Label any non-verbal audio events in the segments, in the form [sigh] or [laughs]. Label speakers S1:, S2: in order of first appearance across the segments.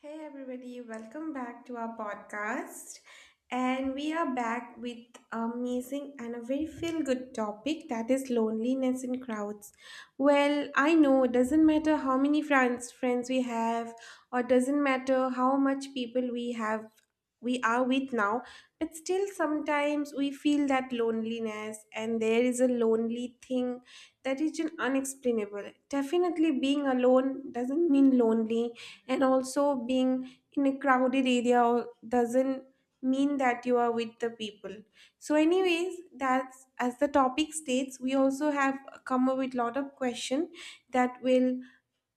S1: Hey everybody, welcome back to our podcast. And we are back with amazing and a very feel good topic that is loneliness in crowds. Well, I know it doesn't matter how many friends we have or doesn't matter how much people we have we are with now, but still sometimes we feel that loneliness and there is a lonely thing that is just unexplainable. Definitely being alone doesn't mean lonely and also being in a crowded area doesn't mean that you are with the people, so anyways, that's, as the topic states, we also have come up with lot of question that will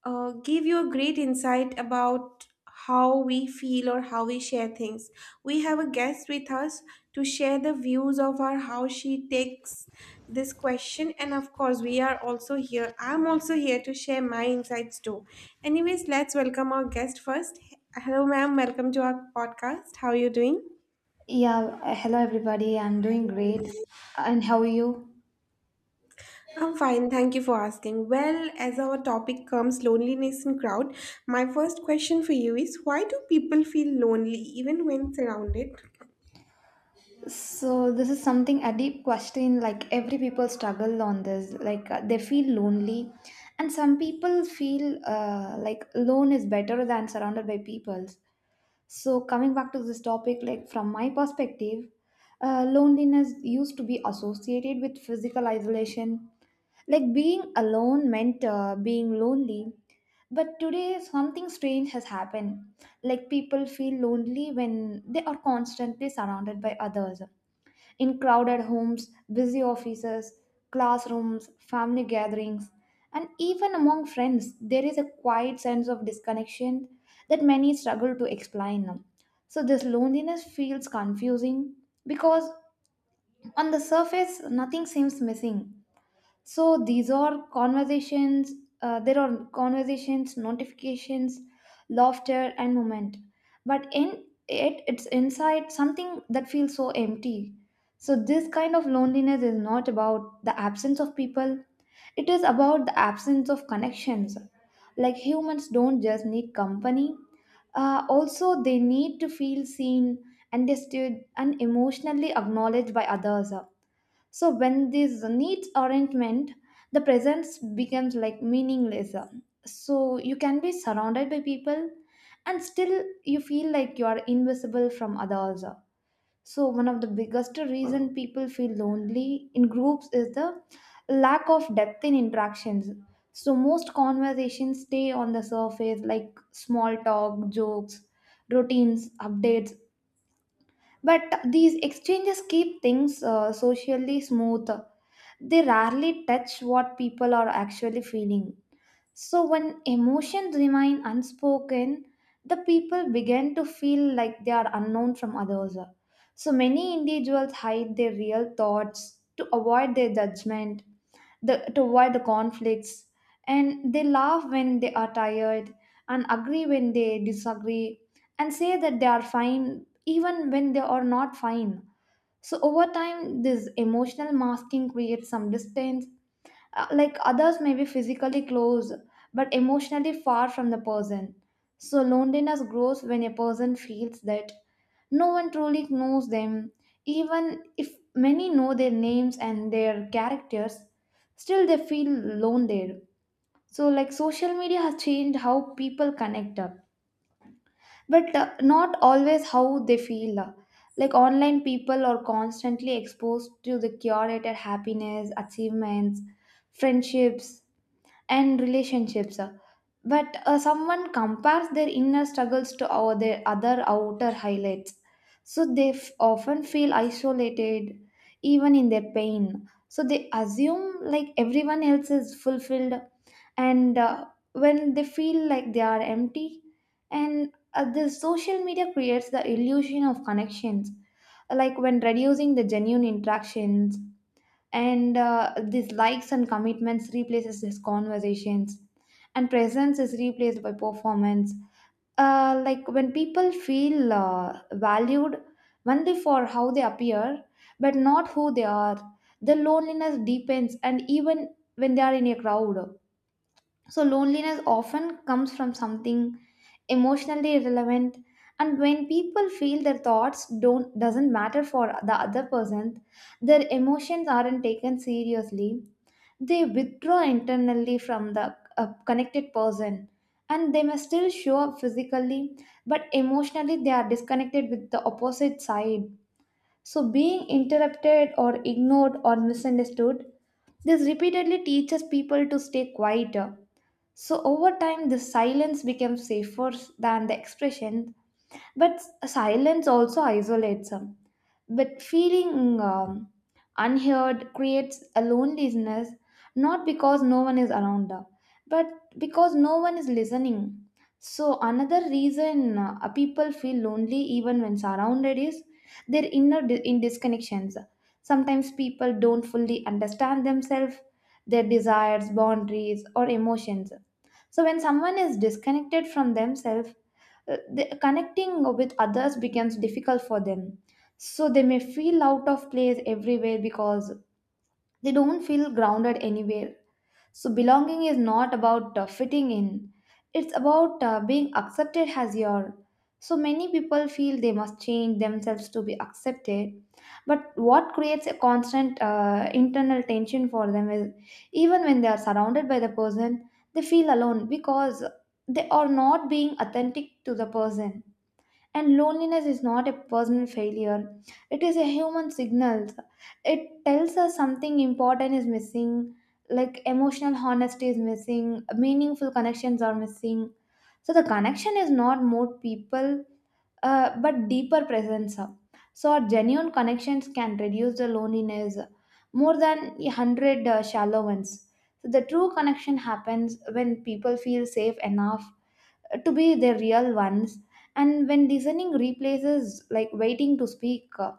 S1: gave you a great insight about how we feel or how we share things. We have a guest with us to share the views of her, how she takes this question. And of course, we are also here. I'm also here to share my insights too. Anyways, let's welcome our guest first. Hello, ma'am. Welcome to our podcast. How are you doing?
S2: Yeah, hello everybody. I'm doing great. And how are you?
S1: I'm fine, thank you for asking. Well, as our topic comes loneliness in crowd, my first question for you is, why do people feel lonely even when surrounded?
S2: So this is something a deep question like every people struggle on this like they feel lonely and some people feel like alone is better than surrounded by people. So, coming back to this topic, like from my perspective, loneliness used to be associated with physical isolation, like being alone meant being lonely. But today, something strange has happened. Like people feel lonely when they are constantly surrounded by others in crowded homes, busy offices, classrooms, family gatherings, and even among friends, there is a quiet sense of disconnection that many struggle to explain. So this loneliness feels confusing because on the surface, nothing seems missing, so these are conversations there are conversations notifications, laughter and moment, but in it it's inside something that feels so empty. So this kind of loneliness is not about the absence of people, it is about the absence of connections. Like humans don't just need company, also they need to feel seen, understood and emotionally acknowledged by others. So when these needs aren't met, the presence becomes like meaningless. So you can be surrounded by people and still you feel like you are invisible from others. So one of the biggest reason people feel lonely in groups is the lack of depth in interactions. So most conversations stay on the surface like small talk, jokes, routines, updates. But these exchanges keep things socially smooth, they rarely touch what people are actually feeling. So when emotions remain unspoken, the people begin to feel like they are unknown from others. So many individuals hide their real thoughts to avoid their judgment, to avoid the conflicts, and they laugh when they are tired and agree when they disagree and say that they are fine even when they are not fine. So over time, this emotional masking creates some distance, like others may be physically close but emotionally far from the person. So loneliness grows when a person feels that no one truly knows them. Even if many know their names and their characters, still they feel alone there. So, like social media has changed how people connect up, but not always how they feel. Like online people are constantly exposed to the curated happiness, achievements, friendships, and relationships, but someone compares their inner struggles to their other outer highlights, so they often feel isolated even in their pain, so they assume like everyone else is fulfilled and when they feel like they are empty. And the social media creates the illusion of connections, like when reducing the genuine interactions, and these likes and commitments replaces these conversations, and presence is replaced by performance. Like when people feel valued only for how they appear but not who they are, the loneliness deepens and even when they are in a crowd. So, loneliness often comes from something emotionally irrelevant, and when people feel their thoughts don't doesn't matter for the other person, their emotions aren't taken seriously, they withdraw internally from the connected person, and they may still show up physically but emotionally they are disconnected with the opposite side. So being interrupted or ignored or misunderstood, this repeatedly teaches people to stay quiet. So over time, the silence becomes safer than the expression, but silence also isolates them. But feeling unheard creates a loneliness, not because no one is around, but because no one is listening. So another reason people feel lonely even when surrounded is their inner di- in disconnections. Sometimes people don't fully understand themselves, their desires, boundaries, or emotions. So when someone is disconnected from themselves, connecting with others becomes difficult for them. So they may feel out of place everywhere because they don't feel grounded anywhere. So, belonging is not about fitting in, it's about being accepted as you are. So, many people feel they must change themselves to be accepted. But what creates a constant internal tension for them is, even when they are surrounded by the person, they feel alone because they are not being authentic to the person. And loneliness is not a personal failure, it is a human signal. It tells us something important is missing, like emotional honesty is missing, meaningful connections are missing. So the connection is not more people, but deeper presence. So our genuine connections can reduce the loneliness more than a hundred shallow ones. So the true connection happens when people feel safe enough to be their real ones, and when listening replaces like waiting to speak,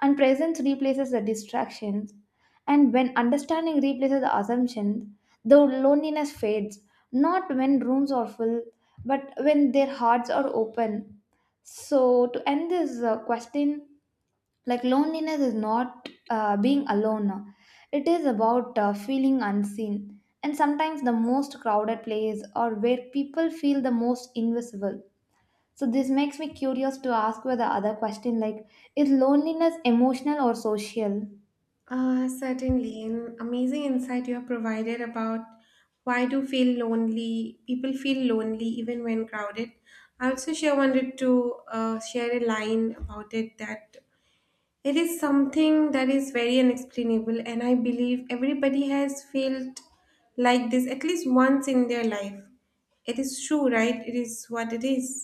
S2: and presence replaces the distractions, and when understanding replaces the assumptions, the loneliness fades, not when rooms are full but when their hearts are open. So to end this question, like loneliness is not being alone, it is about feeling unseen, and sometimes the most crowded place or where people feel the most invisible. So this makes me curious to ask with the other question, like is loneliness emotional or social?
S1: Certainly, an amazing insight you have provided about why do feel lonely people feel lonely even when crowded. I also sure wanted to share a line about it that it is something that is very unexplainable, and I believe everybody has felt like this at least once in their life. It is true, right? It is what it is.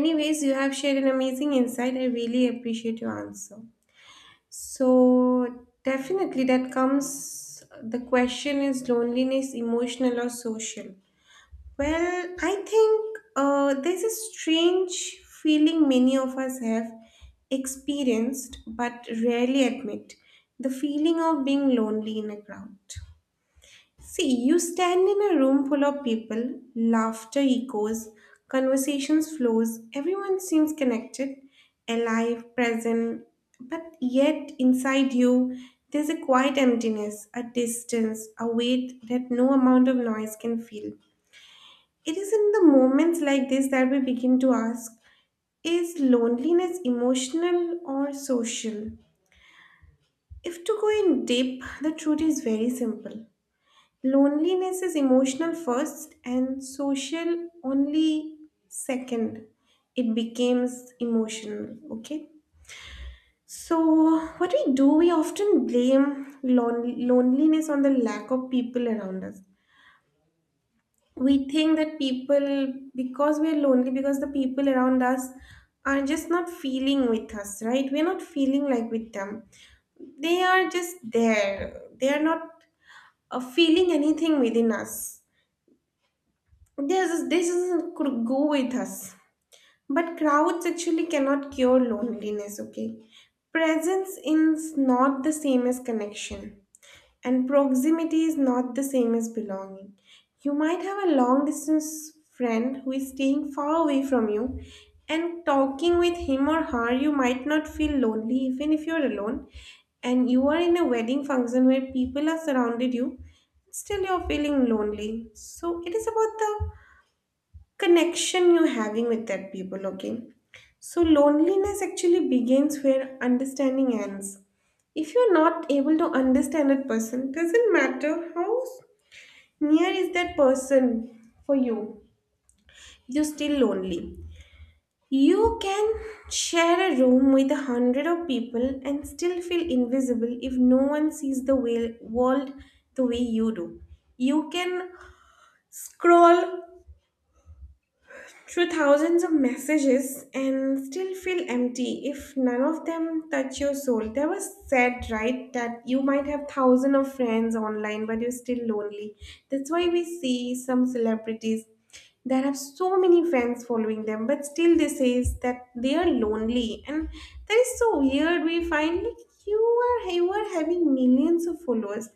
S1: Anyways, you have shared an amazing insight. I really appreciate your answer. So, definitely, that comes the question, is loneliness emotional or social? Well, I think there's a strange feeling many of us have experienced but rarely admit, the feeling of being lonely in a crowd. See, you stand in a room full of people, laughter echoes, conversations flows, everyone seems connected, alive, present, but yet inside you there's a quiet emptiness, a distance, a weight that no amount of noise can fill. It is in the moments like this that we begin to ask, is loneliness emotional or social? If to go in deep, the truth is very simple. Loneliness is emotional first and social only second. It becomes emotional, okay? So, what we do, we often blame loneliness on the lack of people around us. We think that people, because we're lonely because the people around us are just not feeling with us, right? We're not feeling like with them. They are just there, they are not feeling anything within us. This doesn't could go with us, but crowds actually cannot cure loneliness, okay? Presence is not the same as connection, and proximity is not the same as belonging. You might have a long distance friend who is staying far away from you, and talking with him or her, you might not feel lonely even if you're alone, and you are in a wedding function where people are surrounded you, still you're feeling lonely, so it is about the connection you're having with that people, okay? So loneliness actually begins where understanding ends. If you're not able to understand that person, doesn't matter how near is that person for you, you're still lonely. You can share a room with a 100 of people and still feel invisible if no one sees the world the way you do. You can scroll through thousands of messages and still feel empty if none of them touch your soul. There was said, right, that you might have thousands of friends online, but you're still lonely. That's why we see some celebrities there have so many fans following them, but still they says that they are lonely, and that is so weird. We find like you are, you are having millions of followers.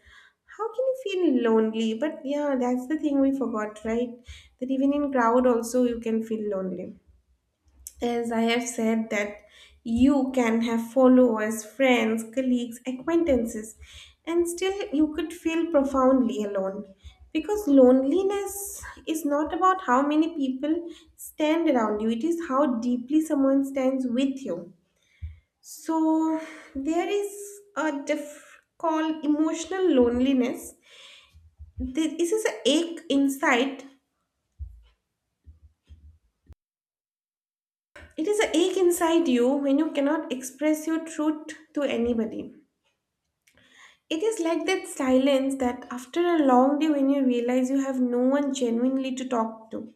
S1: How can you feel lonely? But yeah, that's the thing we forgot, right? That even in crowd also you can feel lonely. As I have said, that you can have followers, friends, colleagues, acquaintances, and still you could feel profoundly alone. Because loneliness is not about how many people stand around you, it is how deeply someone stands with you. So there is a diff called emotional loneliness. This is a ache inside. It is a ache inside you when you cannot express your truth to anybody. It is like that silence that after a long day when you realize you have no one genuinely to talk to.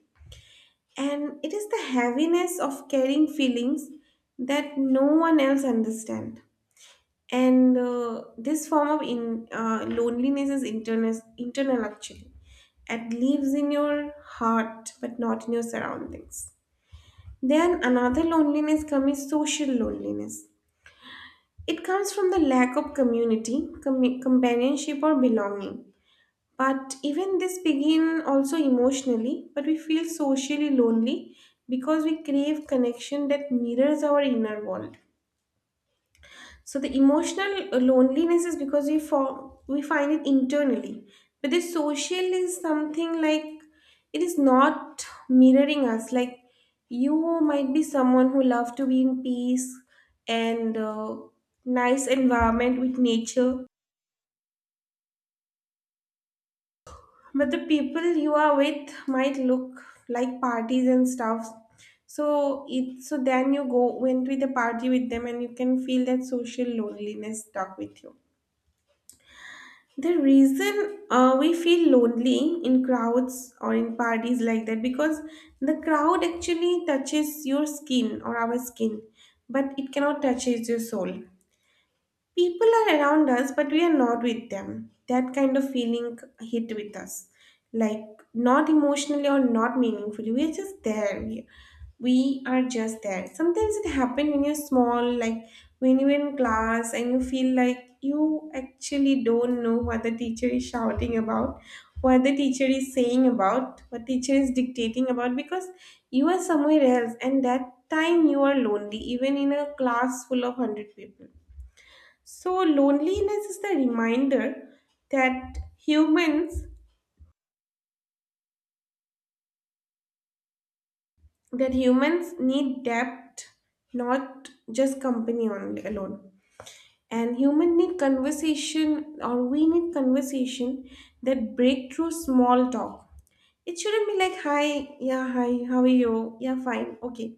S1: And it is the heaviness of carrying feelings that no one else understands. And this form of loneliness is internal actually. It lives in your heart but not in your surroundings. Then another loneliness comes social loneliness. It comes from the lack of community, companionship, or belonging. But even this begin also emotionally, but we feel socially lonely because we crave connection that mirrors our inner world. So the emotional loneliness is because we find it internally, but the social is something like it is not mirroring us. Like you might be someone who love to be in peace and nice environment with nature, but the people you are with might look like parties and stuff, so it so then you go went with a party with them and you can feel that social loneliness stuck with you. The reason we feel lonely in crowds or in parties like that, because the crowd actually touches your skin or our skin, but it cannot touches your soul. People are around us, but we are not with them. That kind of feeling hit with us. Like, not emotionally or not meaningfully. We are just there. We are just there. Sometimes it happens when you're small, like when you're in class and you feel like you actually don't know what the teacher is shouting about, what the teacher is saying about, what teacher is dictating about, because you are somewhere else, and that time you are lonely, even in a class full of 100 people. So loneliness is the reminder that humans that humans need depth, not just company only alone. And human need conversation, or we need conversation that break through small talk. It shouldn't be like, hi, yeah, hi, how are you? Yeah, fine, okay.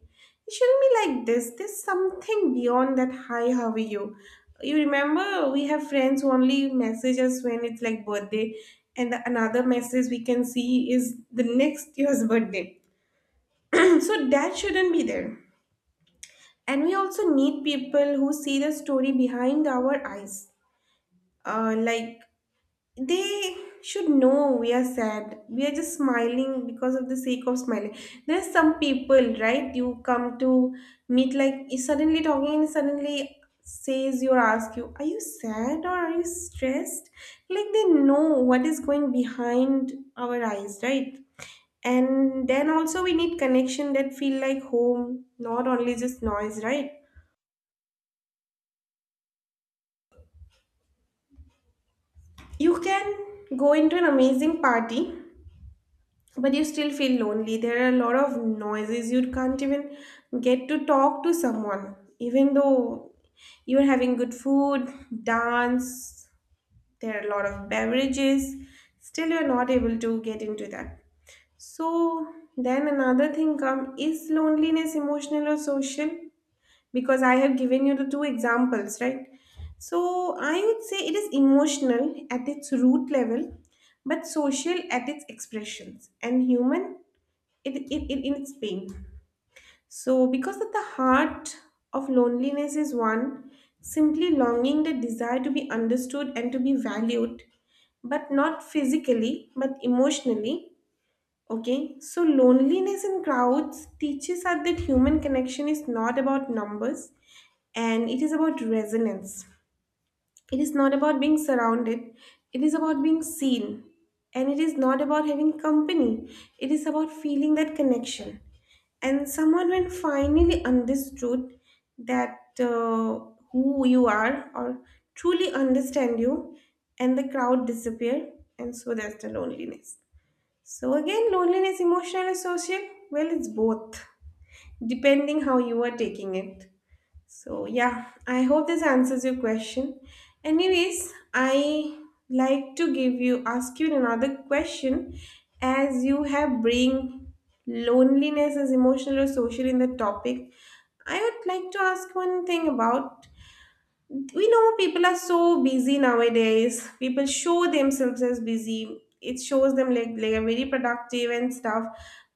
S1: It shouldn't be like this. There's something beyond that, hi, how are you? You remember we have friends who only message us when it's like birthday, and the another message we can see is the next year's [laughs] birthday. [clears throat] So that shouldn't be there. And we also need people who see the story behind our eyes. Like they should know we are sad, we are just smiling because of the sake of smiling. There's some people, right, you come to meet like is suddenly talking and suddenly says you or ask you, are you sad or are you stressed? Like they know what is going behind our eyes, right? And then also we need connection that feel like home, not only just noise, right? You can go into an amazing party, but you still feel lonely. There are a lot of noises. You can't even get to talk to someone, even though you're having good food, dance, there are a lot of beverages. Still, you're not able to get into that. So, then another thing come, is loneliness emotional or social? Because I have given you the two examples, right? So, I would say it is emotional at its root level, but social at its expressions and human it in its pain. So, because at the heart of loneliness is one simply longing, the desire to be understood and to be valued, but not physically, but emotionally. Okay, so loneliness in crowds teaches us that human connection is not about numbers, and it is about resonance. It is not about being surrounded, it is about being seen. And it is not about having company, it is about feeling that connection. And someone, when finally understood that who you are or truly understand you, and the crowd disappear, and so that's the loneliness. So, again, loneliness emotional or social? Well, it's both, depending how you are taking it. So, yeah, I hope this answers your question. Anyways, I like to give you ask you another question as you have bring loneliness as emotional or social in the topic. I would like to ask one thing about, we know people are so busy nowadays. People show themselves as busy. It shows them like they are very productive and stuff.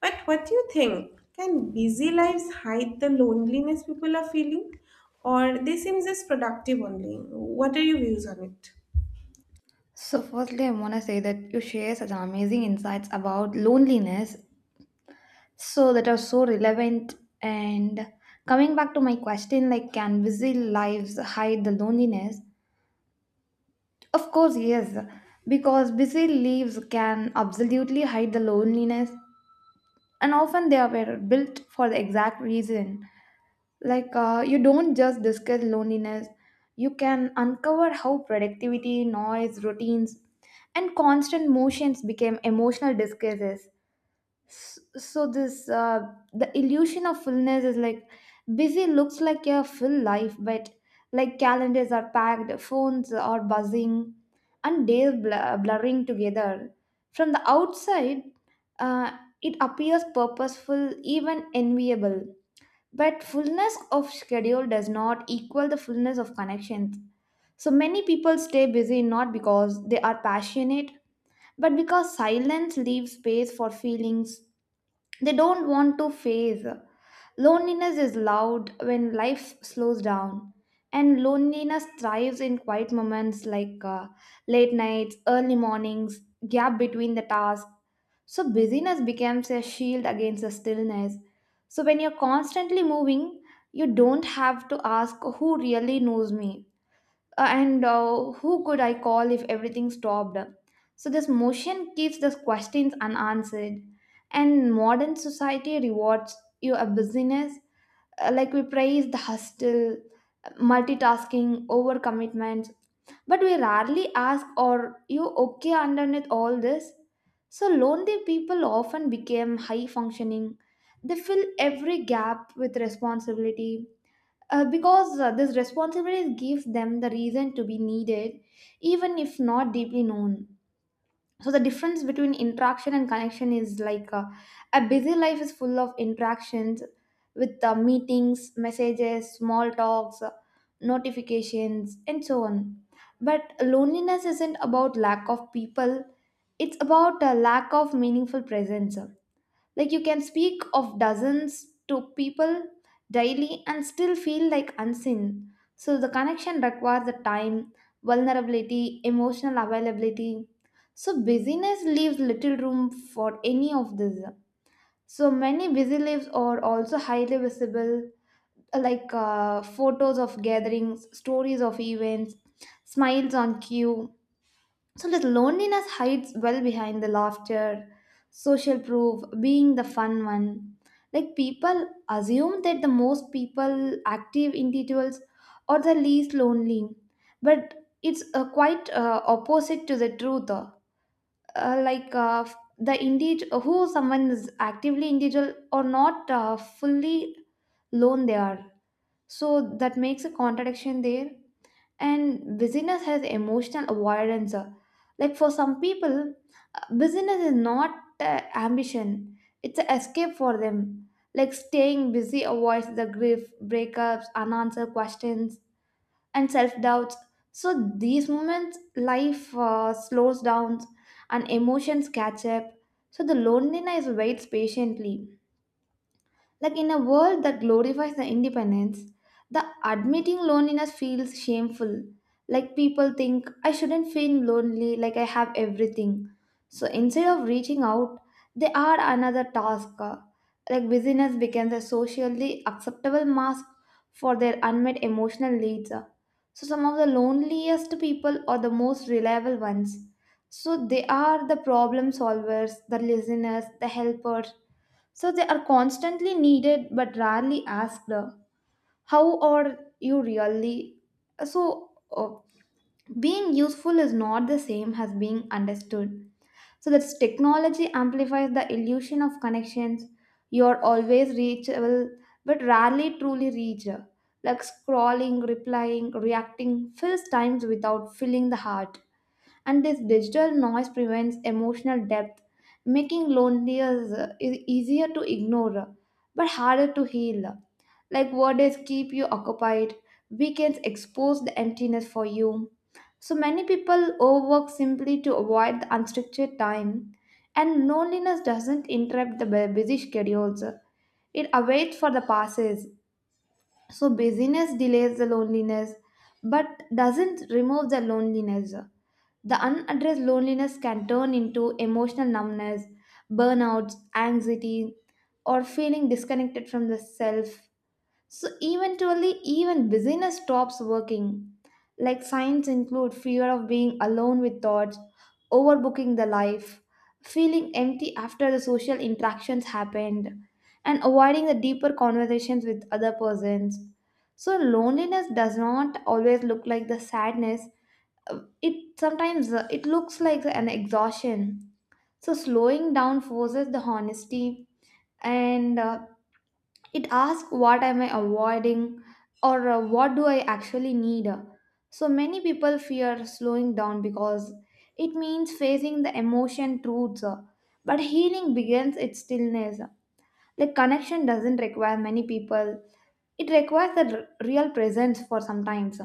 S1: But what do you think? Can busy lives hide the loneliness people are feeling? Or they seem just productive only? What are your views on it?
S2: So firstly I want to say that you share such amazing insights about loneliness, so that are so relevant. And coming back to my question, like can busy lives hide the loneliness? Of course, yes, because busy lives can absolutely hide the loneliness, and often they are built for the exact reason. Like, you don't just discuss loneliness, you can uncover how productivity, noise, routines, and constant motions became emotional disguises. S- so this the illusion of fullness is like busy looks like a full life, but like calendars are packed, phones are buzzing, and days blurring together. From the outside, uh, it appears purposeful, even enviable, but fullness of schedule does not equal the fullness of connections. So many people stay busy not because they are passionate but because silence leaves space for feelings they don't want to face. Loneliness is loud when life slows down, and loneliness thrives in quiet moments like late nights, early mornings, gap between the tasks. So, busyness becomes a shield against the stillness. So, when you're constantly moving, you don't have to ask who really knows me, and who could I call if everything stopped? So, this motion keeps these questions unanswered. And modern society rewards you a busyness, like we praise the hustle, multitasking, overcommitments, but we rarely ask, are you okay underneath all this? So, lonely people often become high functioning. They fill every gap with responsibility, because this responsibility gives them the reason to be needed, even if not deeply known. So, the difference between interaction and connection is like, a busy life is full of interactions with meetings, messages, small talks, notifications, and so on. But loneliness isn't about lack of people, it's about a lack of meaningful presence. Like you can speak of dozens to people daily and still feel like unseen. So the connection requires the time, vulnerability, emotional availability. So busyness leaves little room for any of this. So many busy lives are also highly visible, like photos of gatherings, stories of events, smiles on cue, so that loneliness hides well behind the laughter, social proof, being the fun one. Like people assume that the most people, active individuals, are the least lonely, but it's quite opposite to the truth. Uh, like uh, the individual who someone is actively individual or not fully lone they are. So that makes a contradiction there. And busyness has emotional avoidance. Like for some people, busyness is not ambition, it's an escape for them. Like staying busy avoids the grief, breakups, unanswered questions, and self doubts. So these moments, life slows down and emotions catch up. So the loneliness waits patiently. Like in a world that glorifies the independence, the admitting loneliness feels shameful. Like people think I shouldn't feel lonely, like I have everything. So instead of reaching out, they add another task. Like busyness becomes a socially acceptable mask for their unmet emotional needs. So some of the loneliest people are the most reliable ones. So they are the problem solvers, the listeners, the helpers, so they are constantly needed but rarely asked, how are you really? So, being useful is not the same as being understood. So, that technology amplifies the illusion of connections. You are always reachable but rarely truly reach. Like scrolling, replying, reacting fills times without filling the heart, and this digital noise prevents emotional depth, making loneliness is easier to ignore but harder to heal. Like words keep you occupied, weekends expose the emptiness for you. So many people overwork simply to avoid the unstructured time, and loneliness doesn't interrupt the busy schedules, it awaits for the passes. So busyness delays the loneliness but doesn't remove the loneliness. The unaddressed loneliness can turn into emotional numbness, burnouts, anxiety, or feeling disconnected from the self. So eventually, even busyness stops working. Like signs include fear of being alone with thoughts, overbooking the life, feeling empty after the social interactions happened, and avoiding the deeper conversations with other persons. So loneliness does not always look like the sadness, it sometimes it looks like an exhaustion. So slowing down forces the honesty, and it asks what am I avoiding or what do I actually need. So many people fear slowing down because it means facing the emotion truths, but healing begins its stillness. Like connection doesn't require many people, it requires a real presence for sometimes.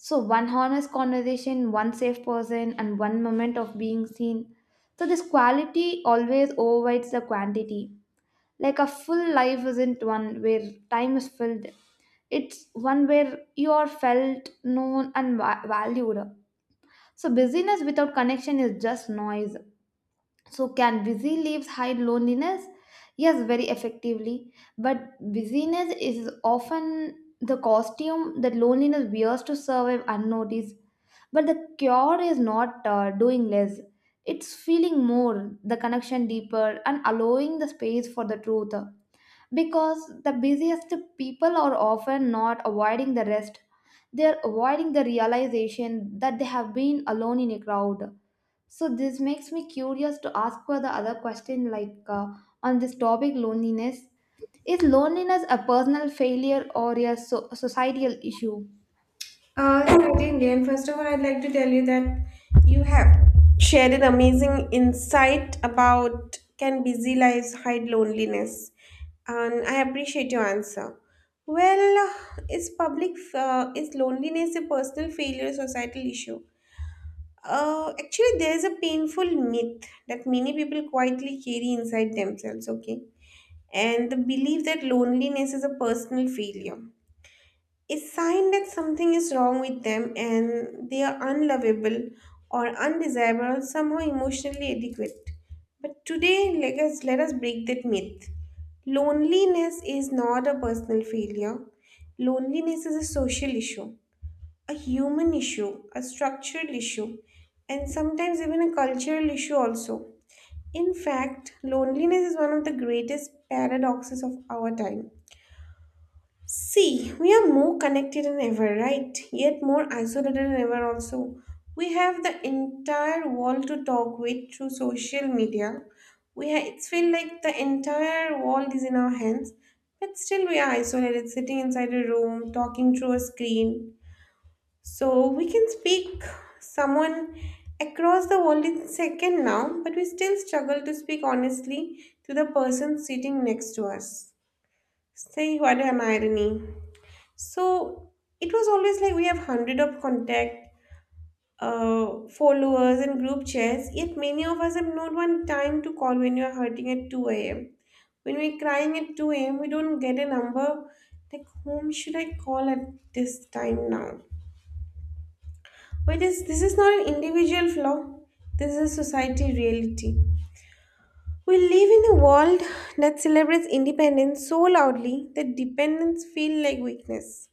S2: So, one honest conversation, one safe person, and one moment of being seen. So, this quality always overrides the quantity. Like a full life isn't one where time is filled, it's one where you are felt, known, and valued. So, busyness without connection is just noise. So, can busy lives hide loneliness? Yes, very effectively. But busyness is often the costume that loneliness wears to survive unnoticed. But the cure is not doing less, it's feeling more, the connection deeper, and allowing the space for the truth, because the busiest people are often not avoiding the rest, they're avoiding the realization that they have been alone in a crowd. So this makes me curious to ask for the other question, like on this topic loneliness, is loneliness a personal failure or a societal issue
S1: Certainly, and first of all, I'd like to tell you that you have shared an amazing insight about can busy lives hide loneliness, and I appreciate your answer. Well, is public is loneliness a personal failure societal issue? Actually, there is a painful myth that many people quietly carry inside themselves. Okay, and the belief that loneliness is a personal failure a sign that something is wrong with them and they are unlovable or undesirable, or somehow emotionally adequate. But today, let us break that myth. Loneliness is not a personal failure. Loneliness is a social issue, a human issue, a structural issue, and sometimes even a cultural issue also. In fact, loneliness is one of the greatest paradoxes of our time. See, we are more connected than ever, right? Yet more isolated than ever, also. We have the entire world to talk with through social media. It feels like the entire world is in our hands, but still we are isolated, sitting inside a room, talking through a screen. So we can speak someone across the world in second now, but we still struggle to speak honestly to the person sitting next to us. Say, what an irony! So it was always like we have hundred of contact followers and group chats, yet many of us have not one time to call when you are hurting at 2 a.m. When we're crying at 2 a.m., we don't get a number. Like, whom should I call at this time now? But this is not an individual flaw. This is society reality. We live in a world that celebrates independence so loudly that dependence feels like weakness.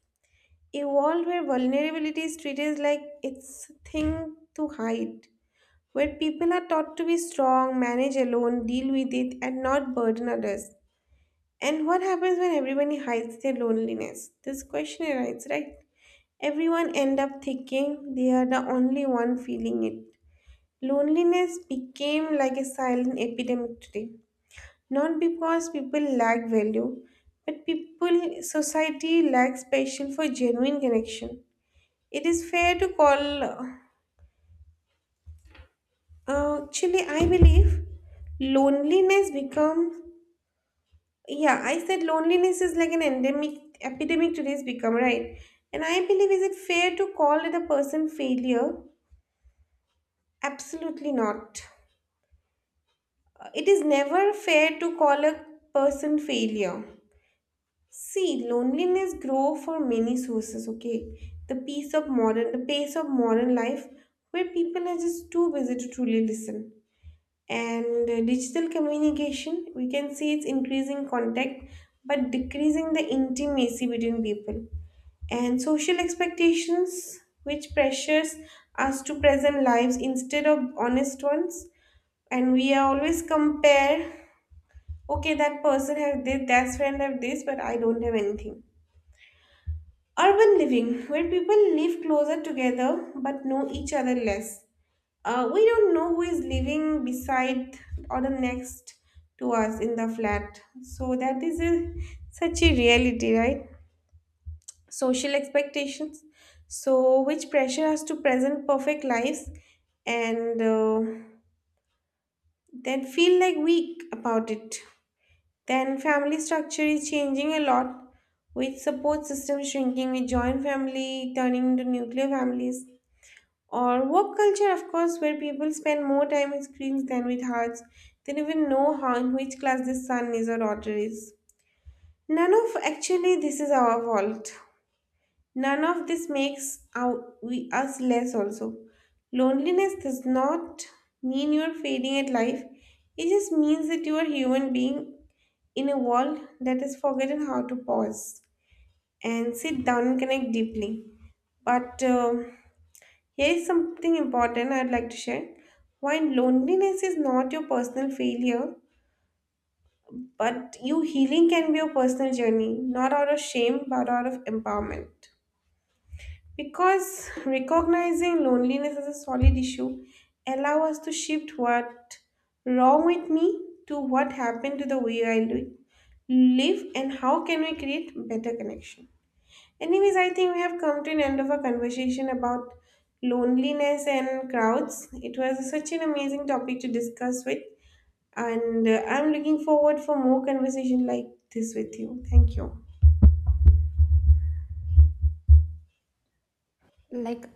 S1: A world where vulnerability is treated like it's a thing to hide, where people are taught to be strong, manage alone, deal with it, and not burden others. And what happens when everyone hides their loneliness? This question arises, right? Everyone end up thinking they are the only one feeling it. Loneliness became like a silent epidemic today. Not because people lack value, but people society lacks passion for genuine connection. It is fair to call, actually, I believe loneliness become, yeah, I said loneliness is like an endemic epidemic today's become, right? And I believe, is it fair to call it a person failure? Absolutely not. It is never fair to call a person failure. See, loneliness grow for many sources, okay? The pace of modern life where people are just too busy to truly listen and digital communication we can see it's increasing contact but decreasing the intimacy between people and social expectations which pressures us to present lives instead of honest ones and we are always compare, okay, that person have this that friend have this but I don't have anything. Urban living where people live closer together but know each other less. We don't know who is living beside or the next to us in the flat. So that is a, such a reality, right? Social expectations. So which pressure us to present perfect lives and then feel like weak about it. Then family structure is changing a lot with support system shrinking, with joint family turning into nuclear families. Or work culture, of course, where people spend more time with screens than with hearts. They don't even know how in which class their son is or daughter is. None of actually this is our fault. None of this makes we us less also. Loneliness does not mean you're failing at life. It just means that you are a human being in a world that has forgotten how to pause and sit down and connect deeply. But Here's something important I'd like to share. While loneliness is not your personal failure, but you healing can be a personal journey, not out of shame, but out of empowerment. Because recognizing loneliness as a solid issue allow us to shift what wrong with me to what happened to the way I live and how can we create better connection. Anyways, I think we have come to an end of our conversation about loneliness and crowds. It was such an amazing topic to discuss with, and I'm looking forward for more conversation like this with you. Thank you.
S2: like